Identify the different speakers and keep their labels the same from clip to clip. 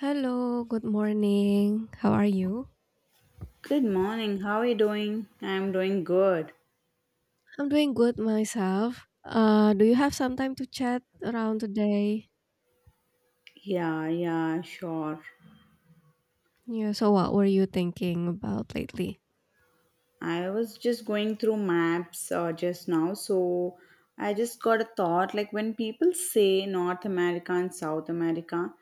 Speaker 1: Hello, good morning. How are you?
Speaker 2: Good morning. How are you doing? I'm doing good.
Speaker 1: I'm doing good myself. Do you have some time to chat around today?
Speaker 2: Yeah, yeah, sure.
Speaker 1: Yeah, so what were you thinking about lately?
Speaker 2: I was just going through maps just now, so I just got a thought like when people say North America and South America,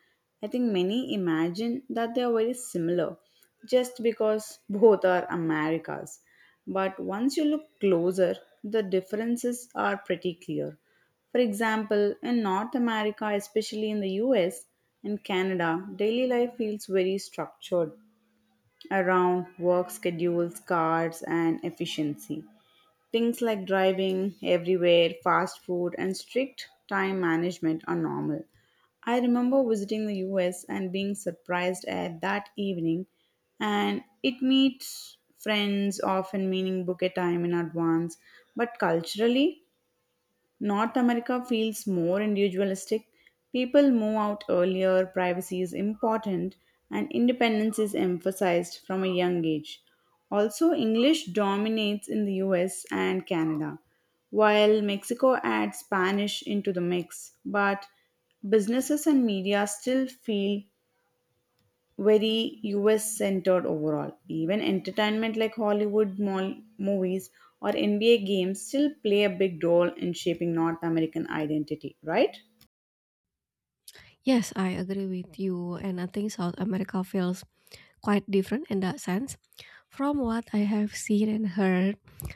Speaker 2: I think many imagine that they are very similar just because both are Americas. But once you look closer, the differences are pretty clear. For example, in North America, especially in the US and Canada, daily life feels very structured around work schedules, cars, and efficiency. Things like driving everywhere, fast food, and strict time management are normal. I remember visiting the US and being surprised at that evening, and it meets friends often meaning book a time in advance. But culturally, North America feels more individualistic. People move out earlier, privacy is important, and independence is emphasized from a young age. Also, English dominates in the US and Canada, while Mexico adds Spanish into the mix, but businesses and media still feel very US centered overall. Even entertainment like Hollywood mall movies or NBA games still play a big role in shaping North American identity, right?
Speaker 1: Yes, I agree with you, and I think South America feels quite different in that sense. From what I have seen and heard,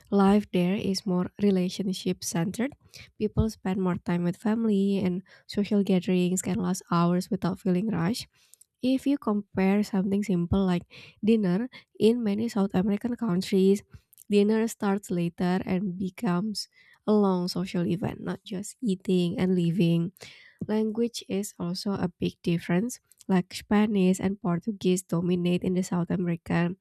Speaker 1: life there is more relationship centered. People spend more time with family, and social gatherings can last hours without feeling rushed. If you compare something simple like dinner in many South American countries, dinner starts later and becomes a long social event, not just eating and living. Language is also a big difference, like Spanish and Portuguese dominate in the South America,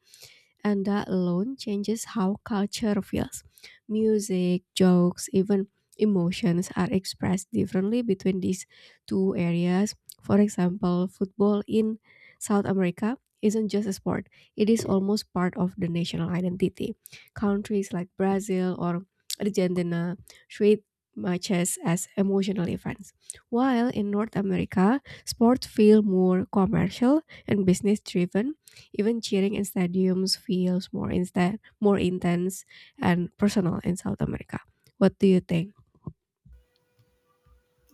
Speaker 1: and that alone changes how culture feels. Music, jokes, even emotions are expressed differently between these two areas. For example, football in South America isn't just a sport, it is almost part of the national identity. Countries like Brazil or Argentina treat matches as emotional events, while in North America, sports feel more commercial and business driven, even cheering in stadiums feels more instead more intense and personal in South America. What do you think?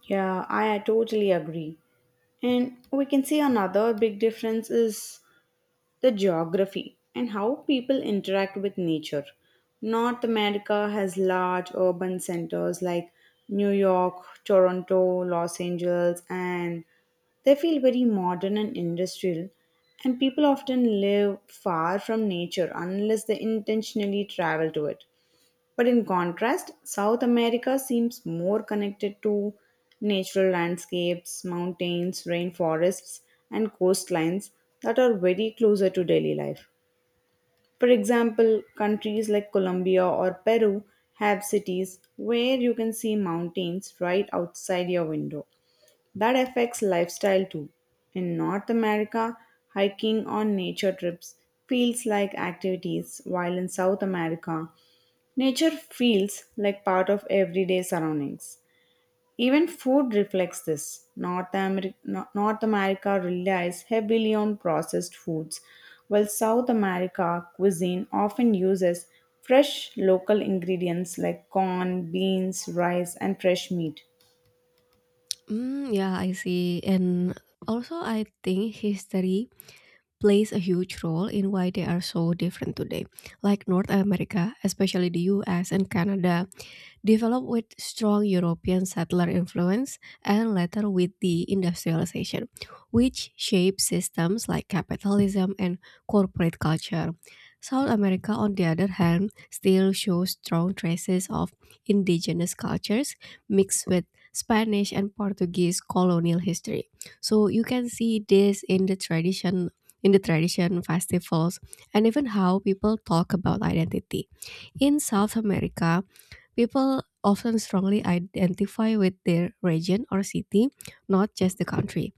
Speaker 2: Yeah, I totally agree. And we can see another big difference is the geography, and how people interact with nature. North America has large urban centers like New York, Toronto, Los Angeles, and they feel very modern and industrial. And people often live far from nature unless they intentionally travel to it. But in contrast, South America seems more connected to natural landscapes, mountains, rainforests, and coastlines that are very closer to daily life. For example, countries like Colombia or Peru have cities where you can see mountains right outside your window. That affects lifestyle too. In North America, hiking on nature trips feels like activities, while in South America, nature feels like part of everyday surroundings. Even food reflects this. North, Ameri- No- North America relies heavily on processed foods, while South America cuisine often uses fresh local ingredients like corn, beans, rice, and fresh meat.
Speaker 1: Mm, yeah, I see. And also, I think history plays a huge role in why they are so different today. Like North America, especially the US and Canada, developed with strong European settler influence and later with the industrialization, which shaped systems like capitalism and corporate culture. South America, on the other hand, still shows strong traces of indigenous cultures mixed with Spanish and Portuguese colonial history. So you can see this in the tradition festivals and even how people talk about identity. In South America, people often strongly identify with their region or city, not just the country.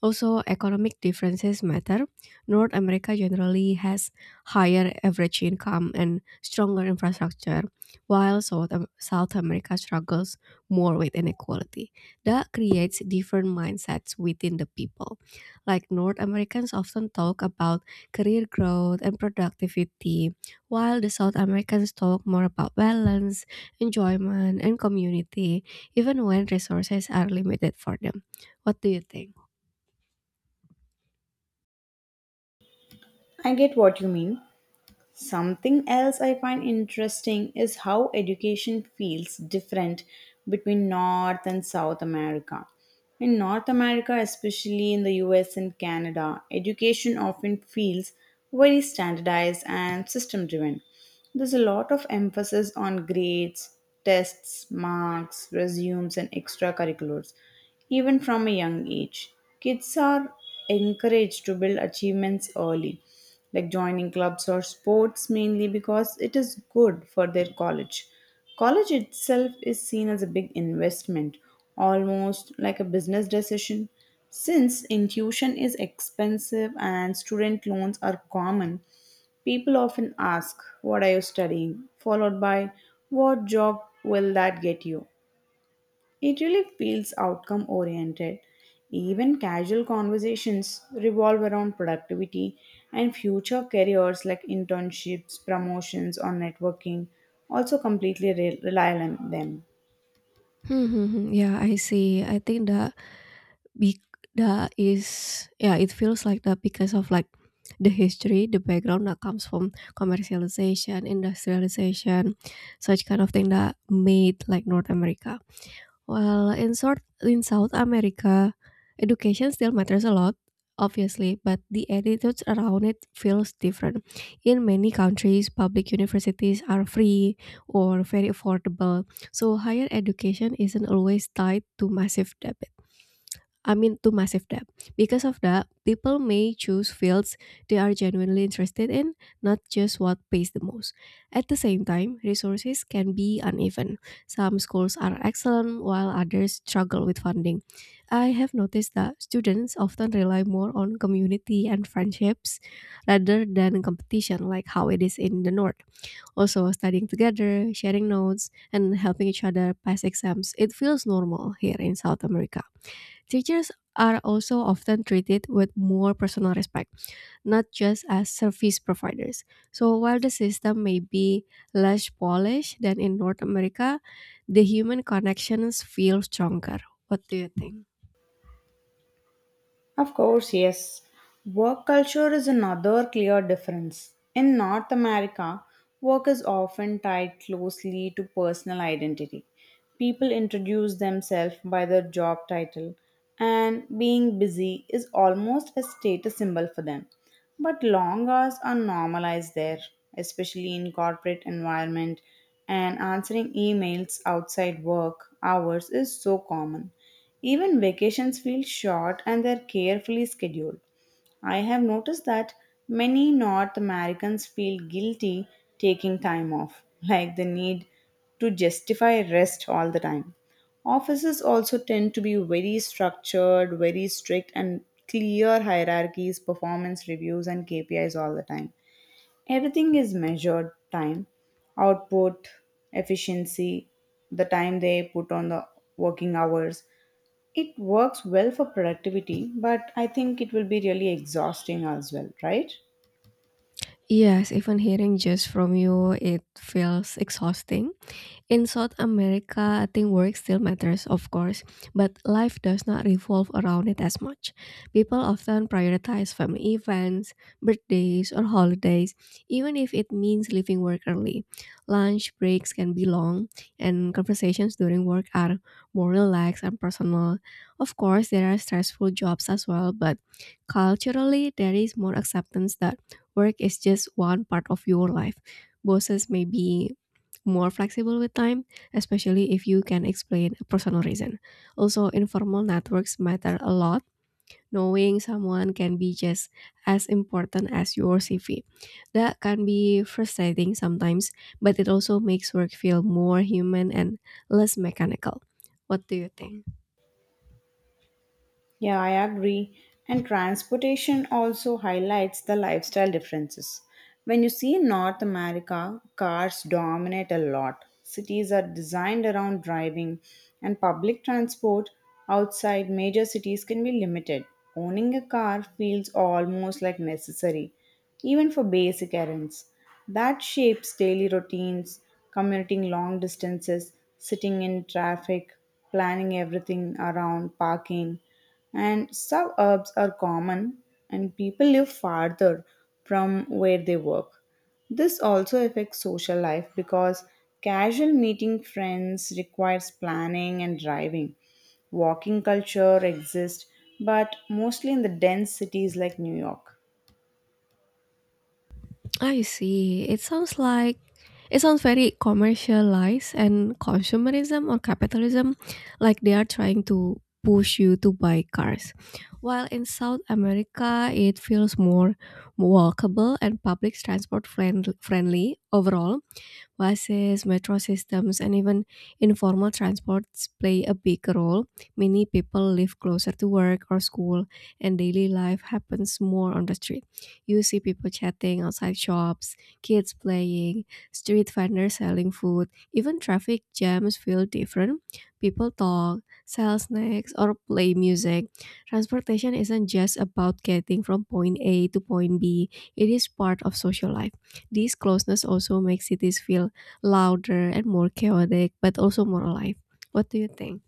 Speaker 1: Also, economic differences matter. North America generally has higher average income and stronger infrastructure, while South America struggles more with inequality. That creates different mindsets within the people. Like North Americans often talk about career growth and productivity, while the South Americans talk more about balance, enjoyment, and community, even when resources are limited for them. What do you think?
Speaker 2: I get what you mean. Something else I find interesting is how education feels different between North and South America. In North America, especially in the US and Canada, education often feels very standardized and system driven. There's a lot of emphasis on grades, tests, marks, resumes, and extracurriculars. Even from a young age, kids are encouraged to build achievements early, like joining clubs or sports mainly because it is good for their college. College itself is seen as a big investment, almost like a business decision. Since tuition is expensive and student loans are common, people often ask, "What are you studying?" followed by, "What job will that get you?" It really feels outcome oriented. Even casual conversations revolve around productivity and future careers like internships, promotions, or networking also completely rely on them.
Speaker 1: Yeah, I see. I think that bec that is, yeah, it feels like that because of, like, the history, the background that comes from commercialization, industrialization, such kind of thing that made, like, North America. Well, in short, in South America, education still matters a lot, obviously, but the attitudes around it feels different. In many countries, public universities are free or very affordable, so higher education isn't always tied to massive debt. I mean, to massive debt. Because of that, people may choose fields they are genuinely interested in, not just what pays the most. At the same time, resources can be uneven. Some schools are excellent, while others struggle with funding. I have noticed that students often rely more on community and friendships rather than competition, like how it is in the North. Also, studying together, sharing notes, and helping each other pass exams, it feels normal here in South America. Teachers are also often treated with more personal respect, not just as service providers. So while the system may be less polished than in North America, the human connections feel stronger. What do you think?
Speaker 2: Of course, yes. Work culture is another clear difference. In North America, work is often tied closely to personal identity. People introduce themselves by their job title, and being busy is almost a status symbol for them. But long hours are normalized there, especially in corporate environment, and answering emails outside work hours is so common. Even vacations feel short and they're carefully scheduled. I have noticed that many North Americans feel guilty taking time off, like they need to justify rest all the time. Offices also tend to be very structured, very strict, and clear hierarchies, performance reviews, and KPIs all the time. Everything is measured time, output, efficiency, the time they put on the working hours. It works well for productivity, but I think it will be really exhausting as well, right?
Speaker 1: Yes, even hearing just from you, it feels exhausting. In South America, I think work still matters, of course, but life does not revolve around it as much. People often prioritize family events, birthdays, or holidays, even if it means leaving work early. Lunch breaks can be long, and conversations during work are more relaxed and personal. Of course, there are stressful jobs as well, but culturally, there is more acceptance that work is just one part of your life. Bosses may be more flexible with time, especially if you can explain a personal reason. Also, informal networks matter a lot. Knowing someone can be just as important as your CV. That can be frustrating sometimes, but it also makes work feel more human and less mechanical. What do you think?
Speaker 2: Yeah, I agree. And transportation also highlights the lifestyle differences. When you see North America, cars dominate a lot. Cities are designed around driving, and public transport outside major cities can be limited. Owning a car feels almost like necessary, even for basic errands. That shapes daily routines, commuting long distances, sitting in traffic, planning everything around parking, and suburbs are common and people live farther from where they work. This also affects social life because casual meeting friends requires planning and driving. Walking culture exists, but mostly in the dense cities like New York.
Speaker 1: I see. It sounds like it sounds very commercialized and consumerism or capitalism, like they are trying to push you to buy cars. While in South America, it feels more walkable and public transport friendly overall. Buses, metro systems, and even informal transports play a big role. Many people live closer to work or school, and daily life happens more on the street. You see people chatting outside shops, kids playing, street vendors selling food, even traffic jams feel different. People talk, sell snacks, or play music. Transportation isn't just about getting from point A to point B, it is part of social life. This closeness also makes cities feel louder and more chaotic, but also more alive. What do you think?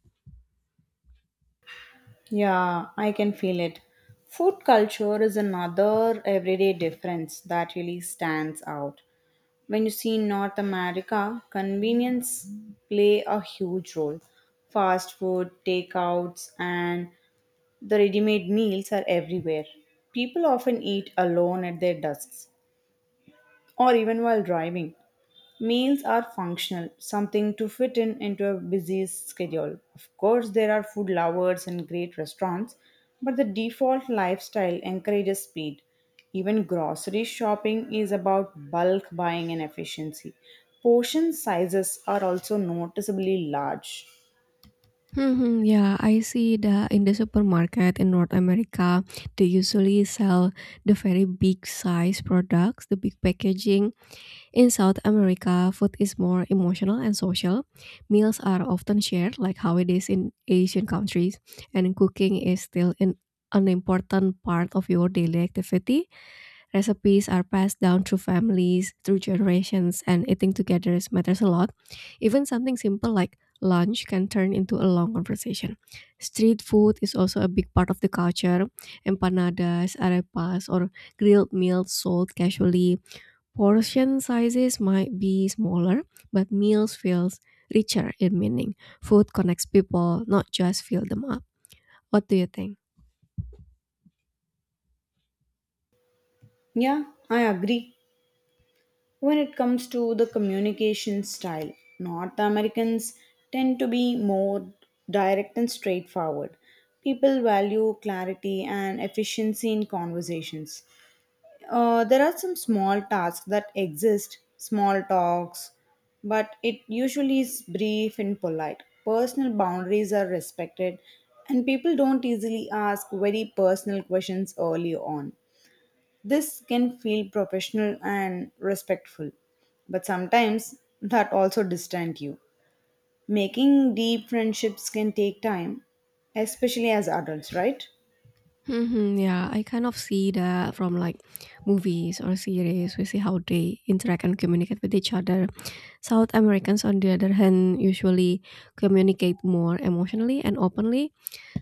Speaker 2: Yeah, I can feel it. Food culture is another everyday difference that really stands out. When you see North America, convenience play a huge role. Fast food, takeouts, and the ready made meals are everywhere. People often eat alone at their desks or even while driving. Meals are functional, something to fit in into a busy schedule. Of course, there are food lovers and great restaurants, but the default lifestyle encourages speed. Even grocery shopping is about bulk buying and efficiency. Portion sizes are also noticeably large.
Speaker 1: Hmm, yeah, I see that in the supermarket in North America, they usually sell the very big size products, the big packaging. In South America, food is more emotional and social. Meals are often shared, like how it is in Asian countries, and cooking is still an important part of your daily activity. Recipes are passed down through families, through generations, and eating together matters a lot. Even something simple like lunch can turn into a long conversation. Street food is also a big part of the culture. Empanadas, arepas, or grilled meals sold casually. Portion sizes might be smaller, but meals feels richer in meaning. Food connects people, not just fill them up. What do you think?
Speaker 2: Yeah, I agree. When it comes to the communication style, North Americans tend to be more direct and straightforward. People value clarity and efficiency in conversations. There are some small tasks that exist, small talks, but it usually is brief and polite. Personal boundaries are respected, and people don't easily ask very personal questions early on. This can feel professional and respectful, but sometimes that also distant you. Making deep friendships can take time, especially as adults, right?
Speaker 1: Mhm, yeah, I kind of see that from like movies or series. We see how they interact and communicate with each other. South Americans, on the other hand, usually communicate more emotionally and openly.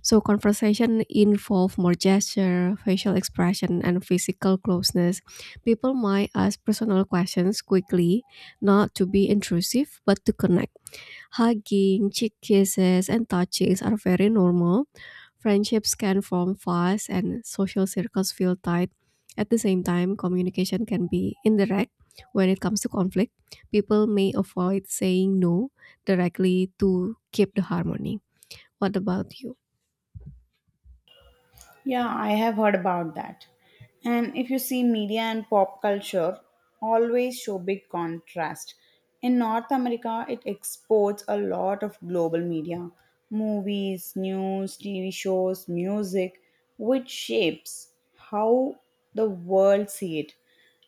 Speaker 1: So conversation involve more gesture, facial expression, and physical closeness. People might ask personal questions quickly, not to be intrusive, but to connect. Hugging, cheek kisses, and touchings are very normal. Friendships can form fast and social circles feel tight. At the same time, communication can be indirect when it comes to conflict. People may avoid saying no directly to keep the harmony. What about you?
Speaker 2: Yeah, I have heard about that. And if you see media and pop culture always show big contrast. In North America, it exports a lot of global media, movies, news, TV shows, music, which shapes how the world see it.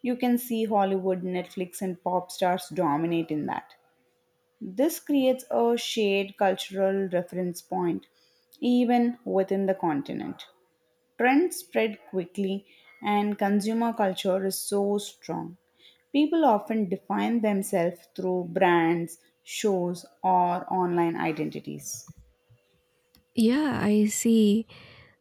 Speaker 2: You can see Hollywood, Netflix and pop stars dominate in that. This creates a shared cultural reference point even within the continent. Trends spread quickly, and consumer culture is so strong. People often define themselves through brands, shows, or online identities.
Speaker 1: Yeah, I see.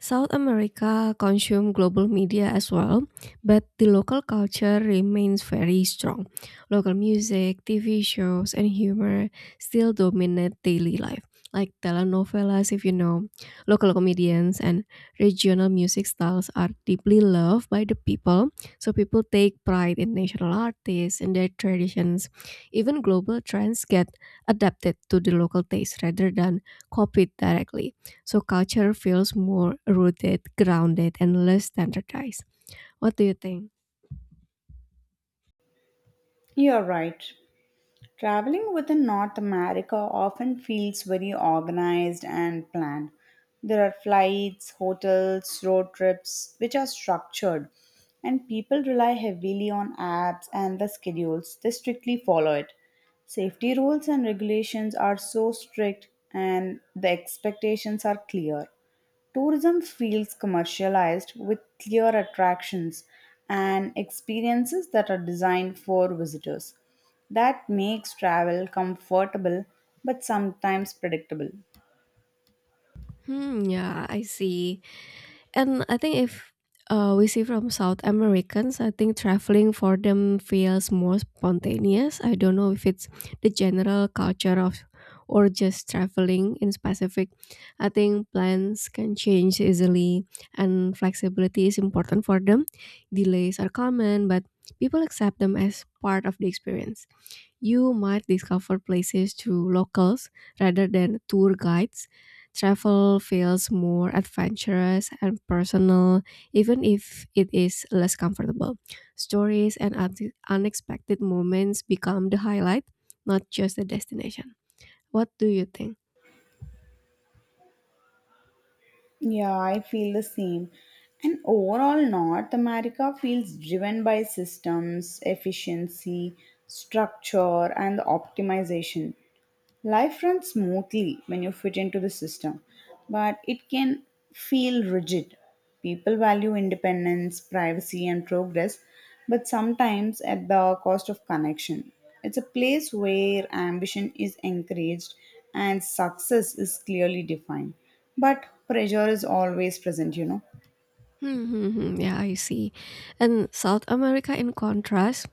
Speaker 1: South America consume global media as well, but the local culture remains very strong. Local music, TV shows, and humor still dominate daily life, like telenovelas, if you know. Local comedians and regional music styles are deeply loved by the people, so people take pride in national artists and their traditions. Even global trends get adapted to the local taste rather than copied directly. So culture feels more rooted, grounded, and less standardized. What do you think?
Speaker 2: You're right. Traveling within North America often feels very organized and planned. There are flights, hotels, road trips, which are structured, and people rely heavily on apps and the schedules. They strictly follow it. Safety rules and regulations are so strict, and the expectations are clear. Tourism feels commercialized with clear attractions and experiences that are designed for visitors. That makes travel comfortable but sometimes predictable.
Speaker 1: Hmm, yeah, I see. And I think if, we see from South Americans, I think traveling for them feels more spontaneous. I don't know if it's the general culture of or just traveling in specific. I think plans can change easily and flexibility is important for them. Delays are common, but people accept them as part of the experience. You might discover places through locals rather than tour guides. Travel feels more adventurous and personal, even if it is less comfortable. Stories and unexpected moments become the highlight, not just the destination. What do you think?
Speaker 2: Yeah, I feel the same. And overall, North America feels driven by systems, efficiency, structure, and optimization. Life runs smoothly when you fit into the system, but it can feel rigid. People value independence, privacy, and progress, but sometimes at the cost of connection. It's a place where ambition is encouraged and success is clearly defined, but pressure is always present, you know.
Speaker 1: Hmm. Yeah, I see. And South America, in contrast,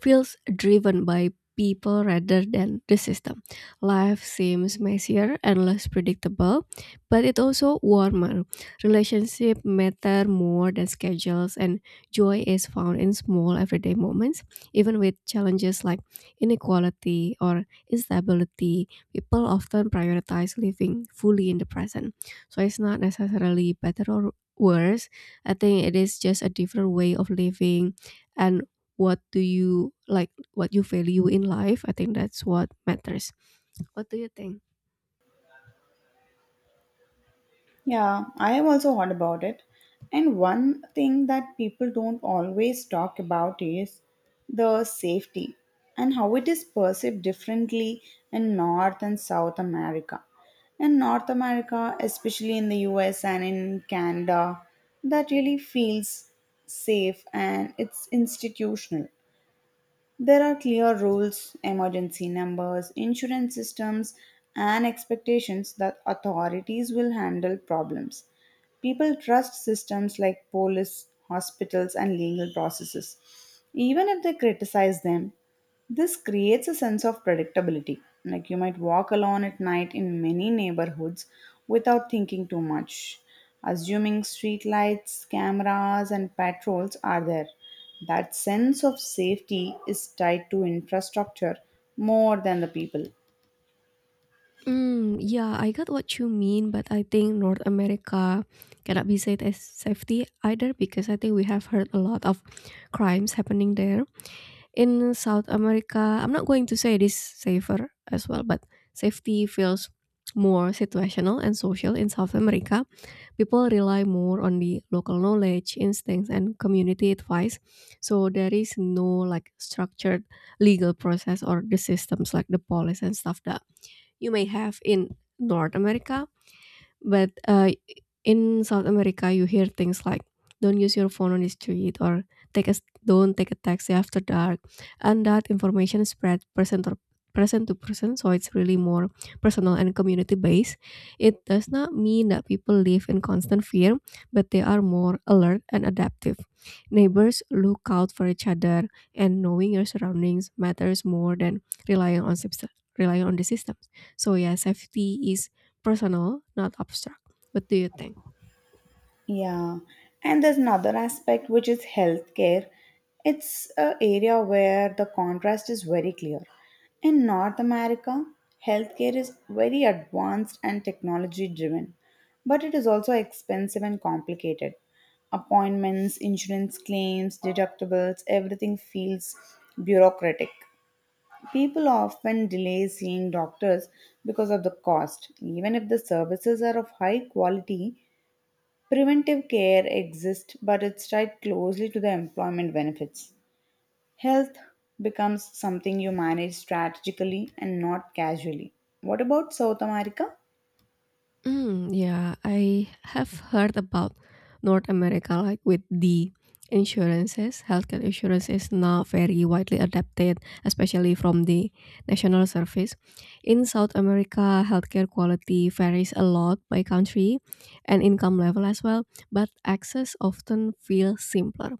Speaker 1: feels driven by people rather than the system. Life seems messier and less predictable, but it also warmer. Relationship matter more than schedules, and joy is found in small everyday moments. Even with challenges like inequality or instability, people often prioritize living fully in the present. So it's not necessarily better or worse. I think it is just a different way of living, and what do you like, what you value in life. I think that's what matters. What do you think?
Speaker 2: Yeah, I have also heard about it. And one thing that people don't always talk about is the safety and how it is perceived differently in North and South America. In North America, especially in the US and in Canada, that really feels safe and it's institutional. There are clear rules, emergency numbers, insurance systems, and expectations that authorities will handle problems. People trust systems like police, hospitals, and legal processes, even if they criticize them. This creates a sense of predictability. Like you might walk alone at night in many neighborhoods without thinking too much, assuming street lights, cameras, and patrols are there. That sense of safety is tied to infrastructure more than the people.
Speaker 1: Mm, yeah, I got what you mean, but I think North America cannot be said as safety either because I think we have heard a lot of crimes happening there. In South America, I'm not going to say it is safer as well, but safety feels more situational and social in South America. People rely more on the local knowledge, instincts, and community advice. So there is no like structured legal process or the systems like the police and stuff that you may have in North America, but in South America, you hear things like "Don't use your phone on the street" or "Take a, don't take a taxi after dark," and that information spread person to person. So it's really more personal and community based. It does not mean that people live in constant fear, but they are more alert and adaptive. Neighbors look out for each other, and knowing your surroundings matters more than relying on the systems. So yeah, safety is personal, not abstract. What do you think?
Speaker 2: Yeah, and there's another aspect which is healthcare. It's an area where the contrast is very clear. In North America, healthcare is very advanced and technology driven, but it is also expensive and complicated. Appointments, insurance claims, deductibles, everything feels bureaucratic. People often delay seeing doctors because of the cost. Even if the services are of high quality, preventive care exists, but it's tied closely to the employment benefits. Health becomes something you manage strategically and not casually. What about South America?
Speaker 1: Mm, yeah, I have heard about North America, like with the insurances. Healthcare insurance is now very widely adapted, especially from the national service. In South America, healthcare quality varies a lot by country and income level as well, but access often feels simpler.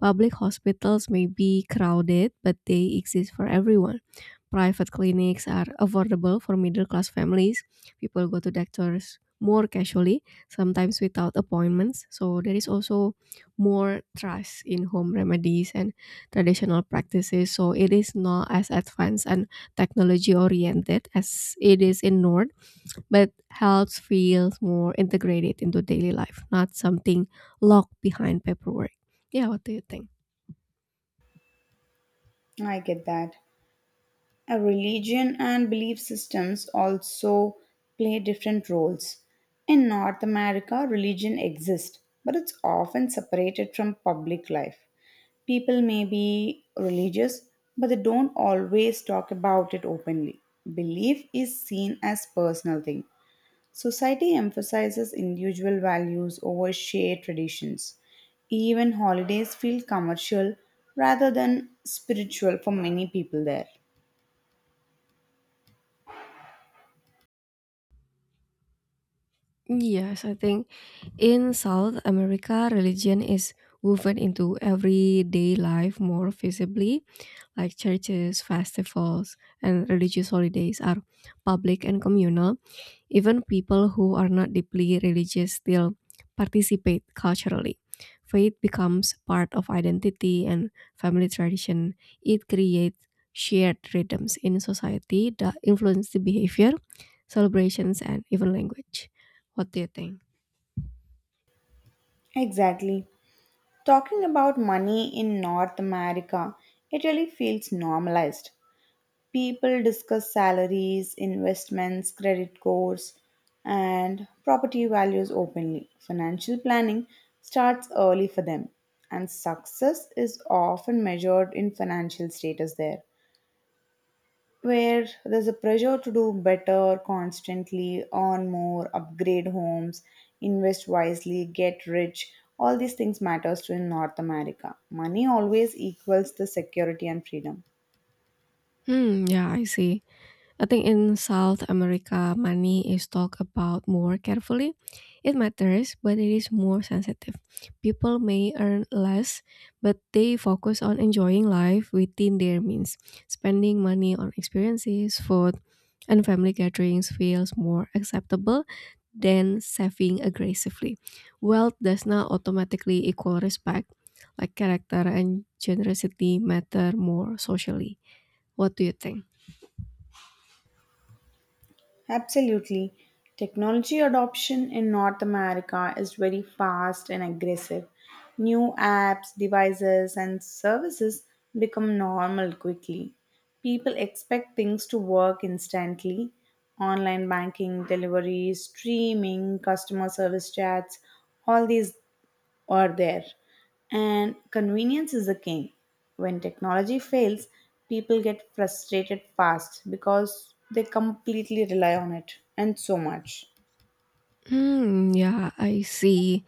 Speaker 1: Public hospitals may be crowded, but they exist for everyone. Private clinics are affordable for middle class families. People go to doctors more casually, sometimes without appointments. So there is also more trust in home remedies and traditional practices. So it is not as advanced and technology oriented as it is in Nord, but health feels more integrated into daily life, not something locked behind paperwork. Yeah, what do you think?
Speaker 2: I get that. Religion and belief systems also play different roles. In North America, religion exists, but it's often separated from public life. People may be religious, but they don't always talk about it openly. Belief is seen as personal thing. Society emphasizes individual values over shared traditions. Even holidays feel commercial rather than spiritual for many people there.
Speaker 1: Yes, I think in South America, religion is woven into everyday life more visibly, like churches, festivals, and religious holidays are public and communal. Even people who are not deeply religious still participate culturally. Faith becomes part of identity and family tradition. It creates shared rhythms in society that influence the behavior, celebrations, and even language. What do you think?
Speaker 2: Exactly. Talking about money in North America, it really feels normalized. People discuss salaries, investments, credit scores, and property values openly. Financial planning starts early for them, and success is often measured in financial status there where there's a pressure to do better constantly, earn more, upgrade homes, invest wisely, get rich. All these things matters to in North America. Money always equals the security and freedom.
Speaker 1: Hmm, yeah, I see. I think in South America, money is talked about more carefully. It matters, but it is more sensitive. People may earn less, but they focus on enjoying life within their means. Spending money on experiences, food, and family gatherings feels more acceptable than saving aggressively. Wealth does not automatically equal respect, like character and generosity matter more socially. What do you think?
Speaker 2: Absolutely. Technology adoption in North America is very fast and aggressive. New apps, devices, and services become normal quickly. People expect things to work instantly. Online banking, deliveries, streaming, customer service chats, all these or there. And convenience is the king. When technology fails, people get frustrated fast because they completely rely on it and so much.
Speaker 1: Hmm, yeah, I see.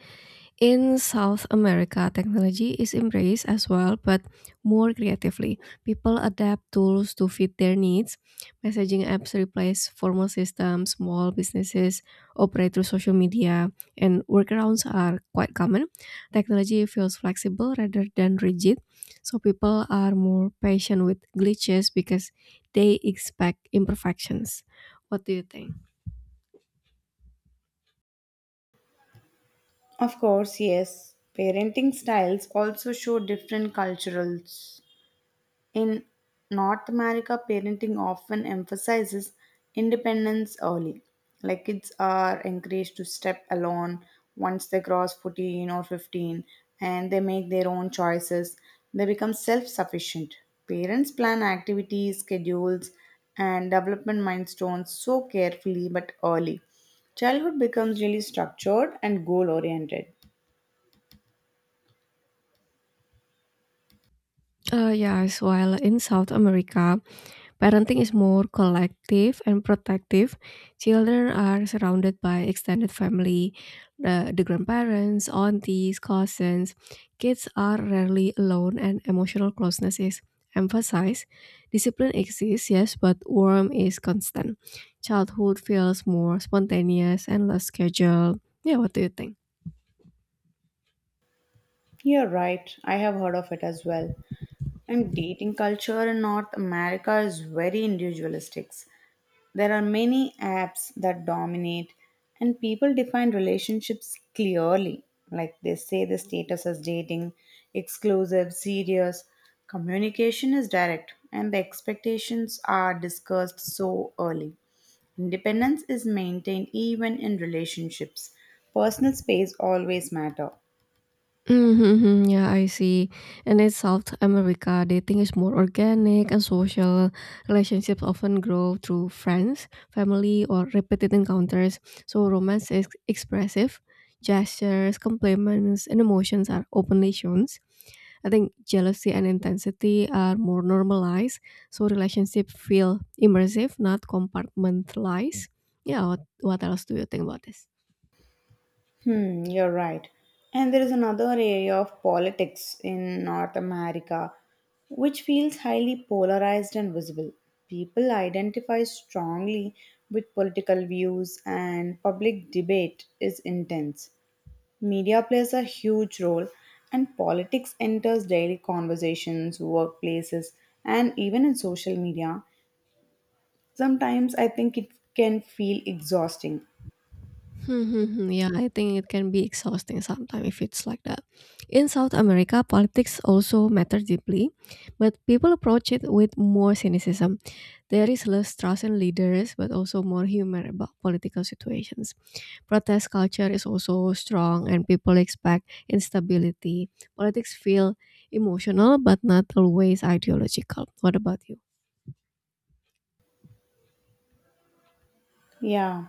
Speaker 1: In South America, technology is embraced as well, but more creatively. People adapt tools to fit their needs. Messaging apps replace formal systems, small businesses operate through social media, and workarounds are quite common. Technology feels flexible rather than rigid, so people are more patient with glitches because they expect imperfections. What do you think?
Speaker 2: Of course, yes, parenting styles also show different culturals. In North America, parenting often emphasizes independence early. Like kids are encouraged to step alone once they cross 14 or 15 and they make their own choices. They become self sufficient. Parents plan activities, schedules, and development milestones so carefully but early. Childhood becomes really structured and goal oriented.
Speaker 1: Yes, while in South America, parenting is more collective and protective. Children are surrounded by extended family, the grandparents, aunties, cousins. Kids are rarely alone, and emotional closeness is emphasized. Discipline exists, yes, but warmth is constant. Childhood feels more spontaneous and less scheduled. Yeah, what do you think?
Speaker 2: You're right, I have heard of it as well. And dating culture in North America is very individualistic. There are many apps that dominate, and people define relationships clearly. Like they say the status as dating, exclusive, serious. Communication is direct, and the expectations are discussed so early. Independence is maintained even in relationships. Personal space always matter.
Speaker 1: Mhm, yeah, I see. And in South America, dating is more organic and social. Relationships often grow through friends, family, or repeated encounters. So romance is expressive. Gestures, compliments, and emotions are openly shown. I think jealousy and intensity are more normalized, so relationships feel immersive, not compartmentalized. Yeah, what else do you think about this?
Speaker 2: Hmm, you're right. And there is another area of politics in North America which feels highly polarized and visible. People identify strongly with political views, and public debate is intense. Media plays a huge role, and politics enters daily conversations, workplaces, and even in social media. Sometimes I think it can feel exhausting.
Speaker 1: Mhm, yeah, I think it can be exhausting sometimes if it's like that. In South America, politics also matter deeply, but people approach it with more cynicism. There is less trust in leaders, but also more humor about political situations. Protest culture is also strong, and people expect instability. Politics feel emotional, but not always ideological. What about you?
Speaker 2: Yeah.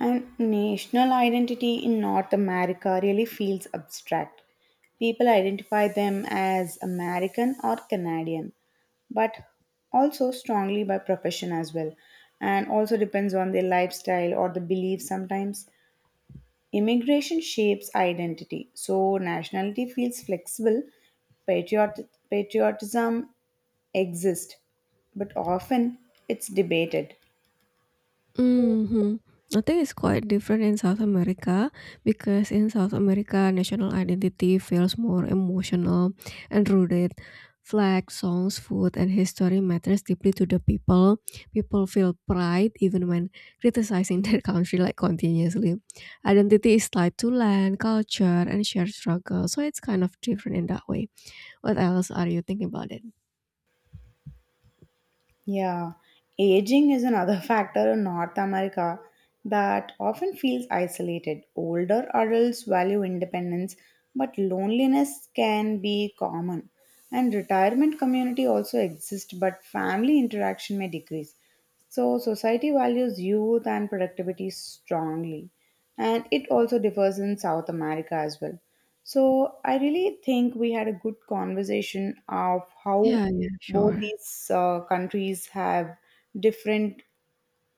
Speaker 2: And national identity in North America really feels abstract. People identify them as American or Canadian, but also strongly by profession as well, and also depends on their lifestyle or the beliefs sometimes. Immigration shapes identity, so nationality feels flexible. Patriotism exists, but often it's debated.
Speaker 1: Mhm. I think it's quite different in South America because in South America, national identity feels more emotional and rooted. Flags, songs, food, and history matters deeply to the people. People feel pride even when criticizing their country like continuously. Identity is tied to land, culture, and shared struggle, so it's kind of different in that way. What else are you thinking about it?
Speaker 2: Yeah, aging is another factor in North America that often feels isolated. Older adults value independence, but loneliness can be common. And retirement community also exist, but family interaction may decrease. So, society values youth and productivity strongly, and it also differs in South America as well. So, I really think we had a good conversation of how
Speaker 1: Yeah, yeah,
Speaker 2: both
Speaker 1: sure.
Speaker 2: these countries have different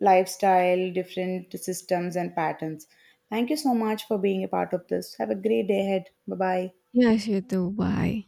Speaker 2: lifestyle, different systems, and patterns. Thank you so much for being a part of this. Have a great day ahead. Bye bye.
Speaker 1: Yes, you too. Bye.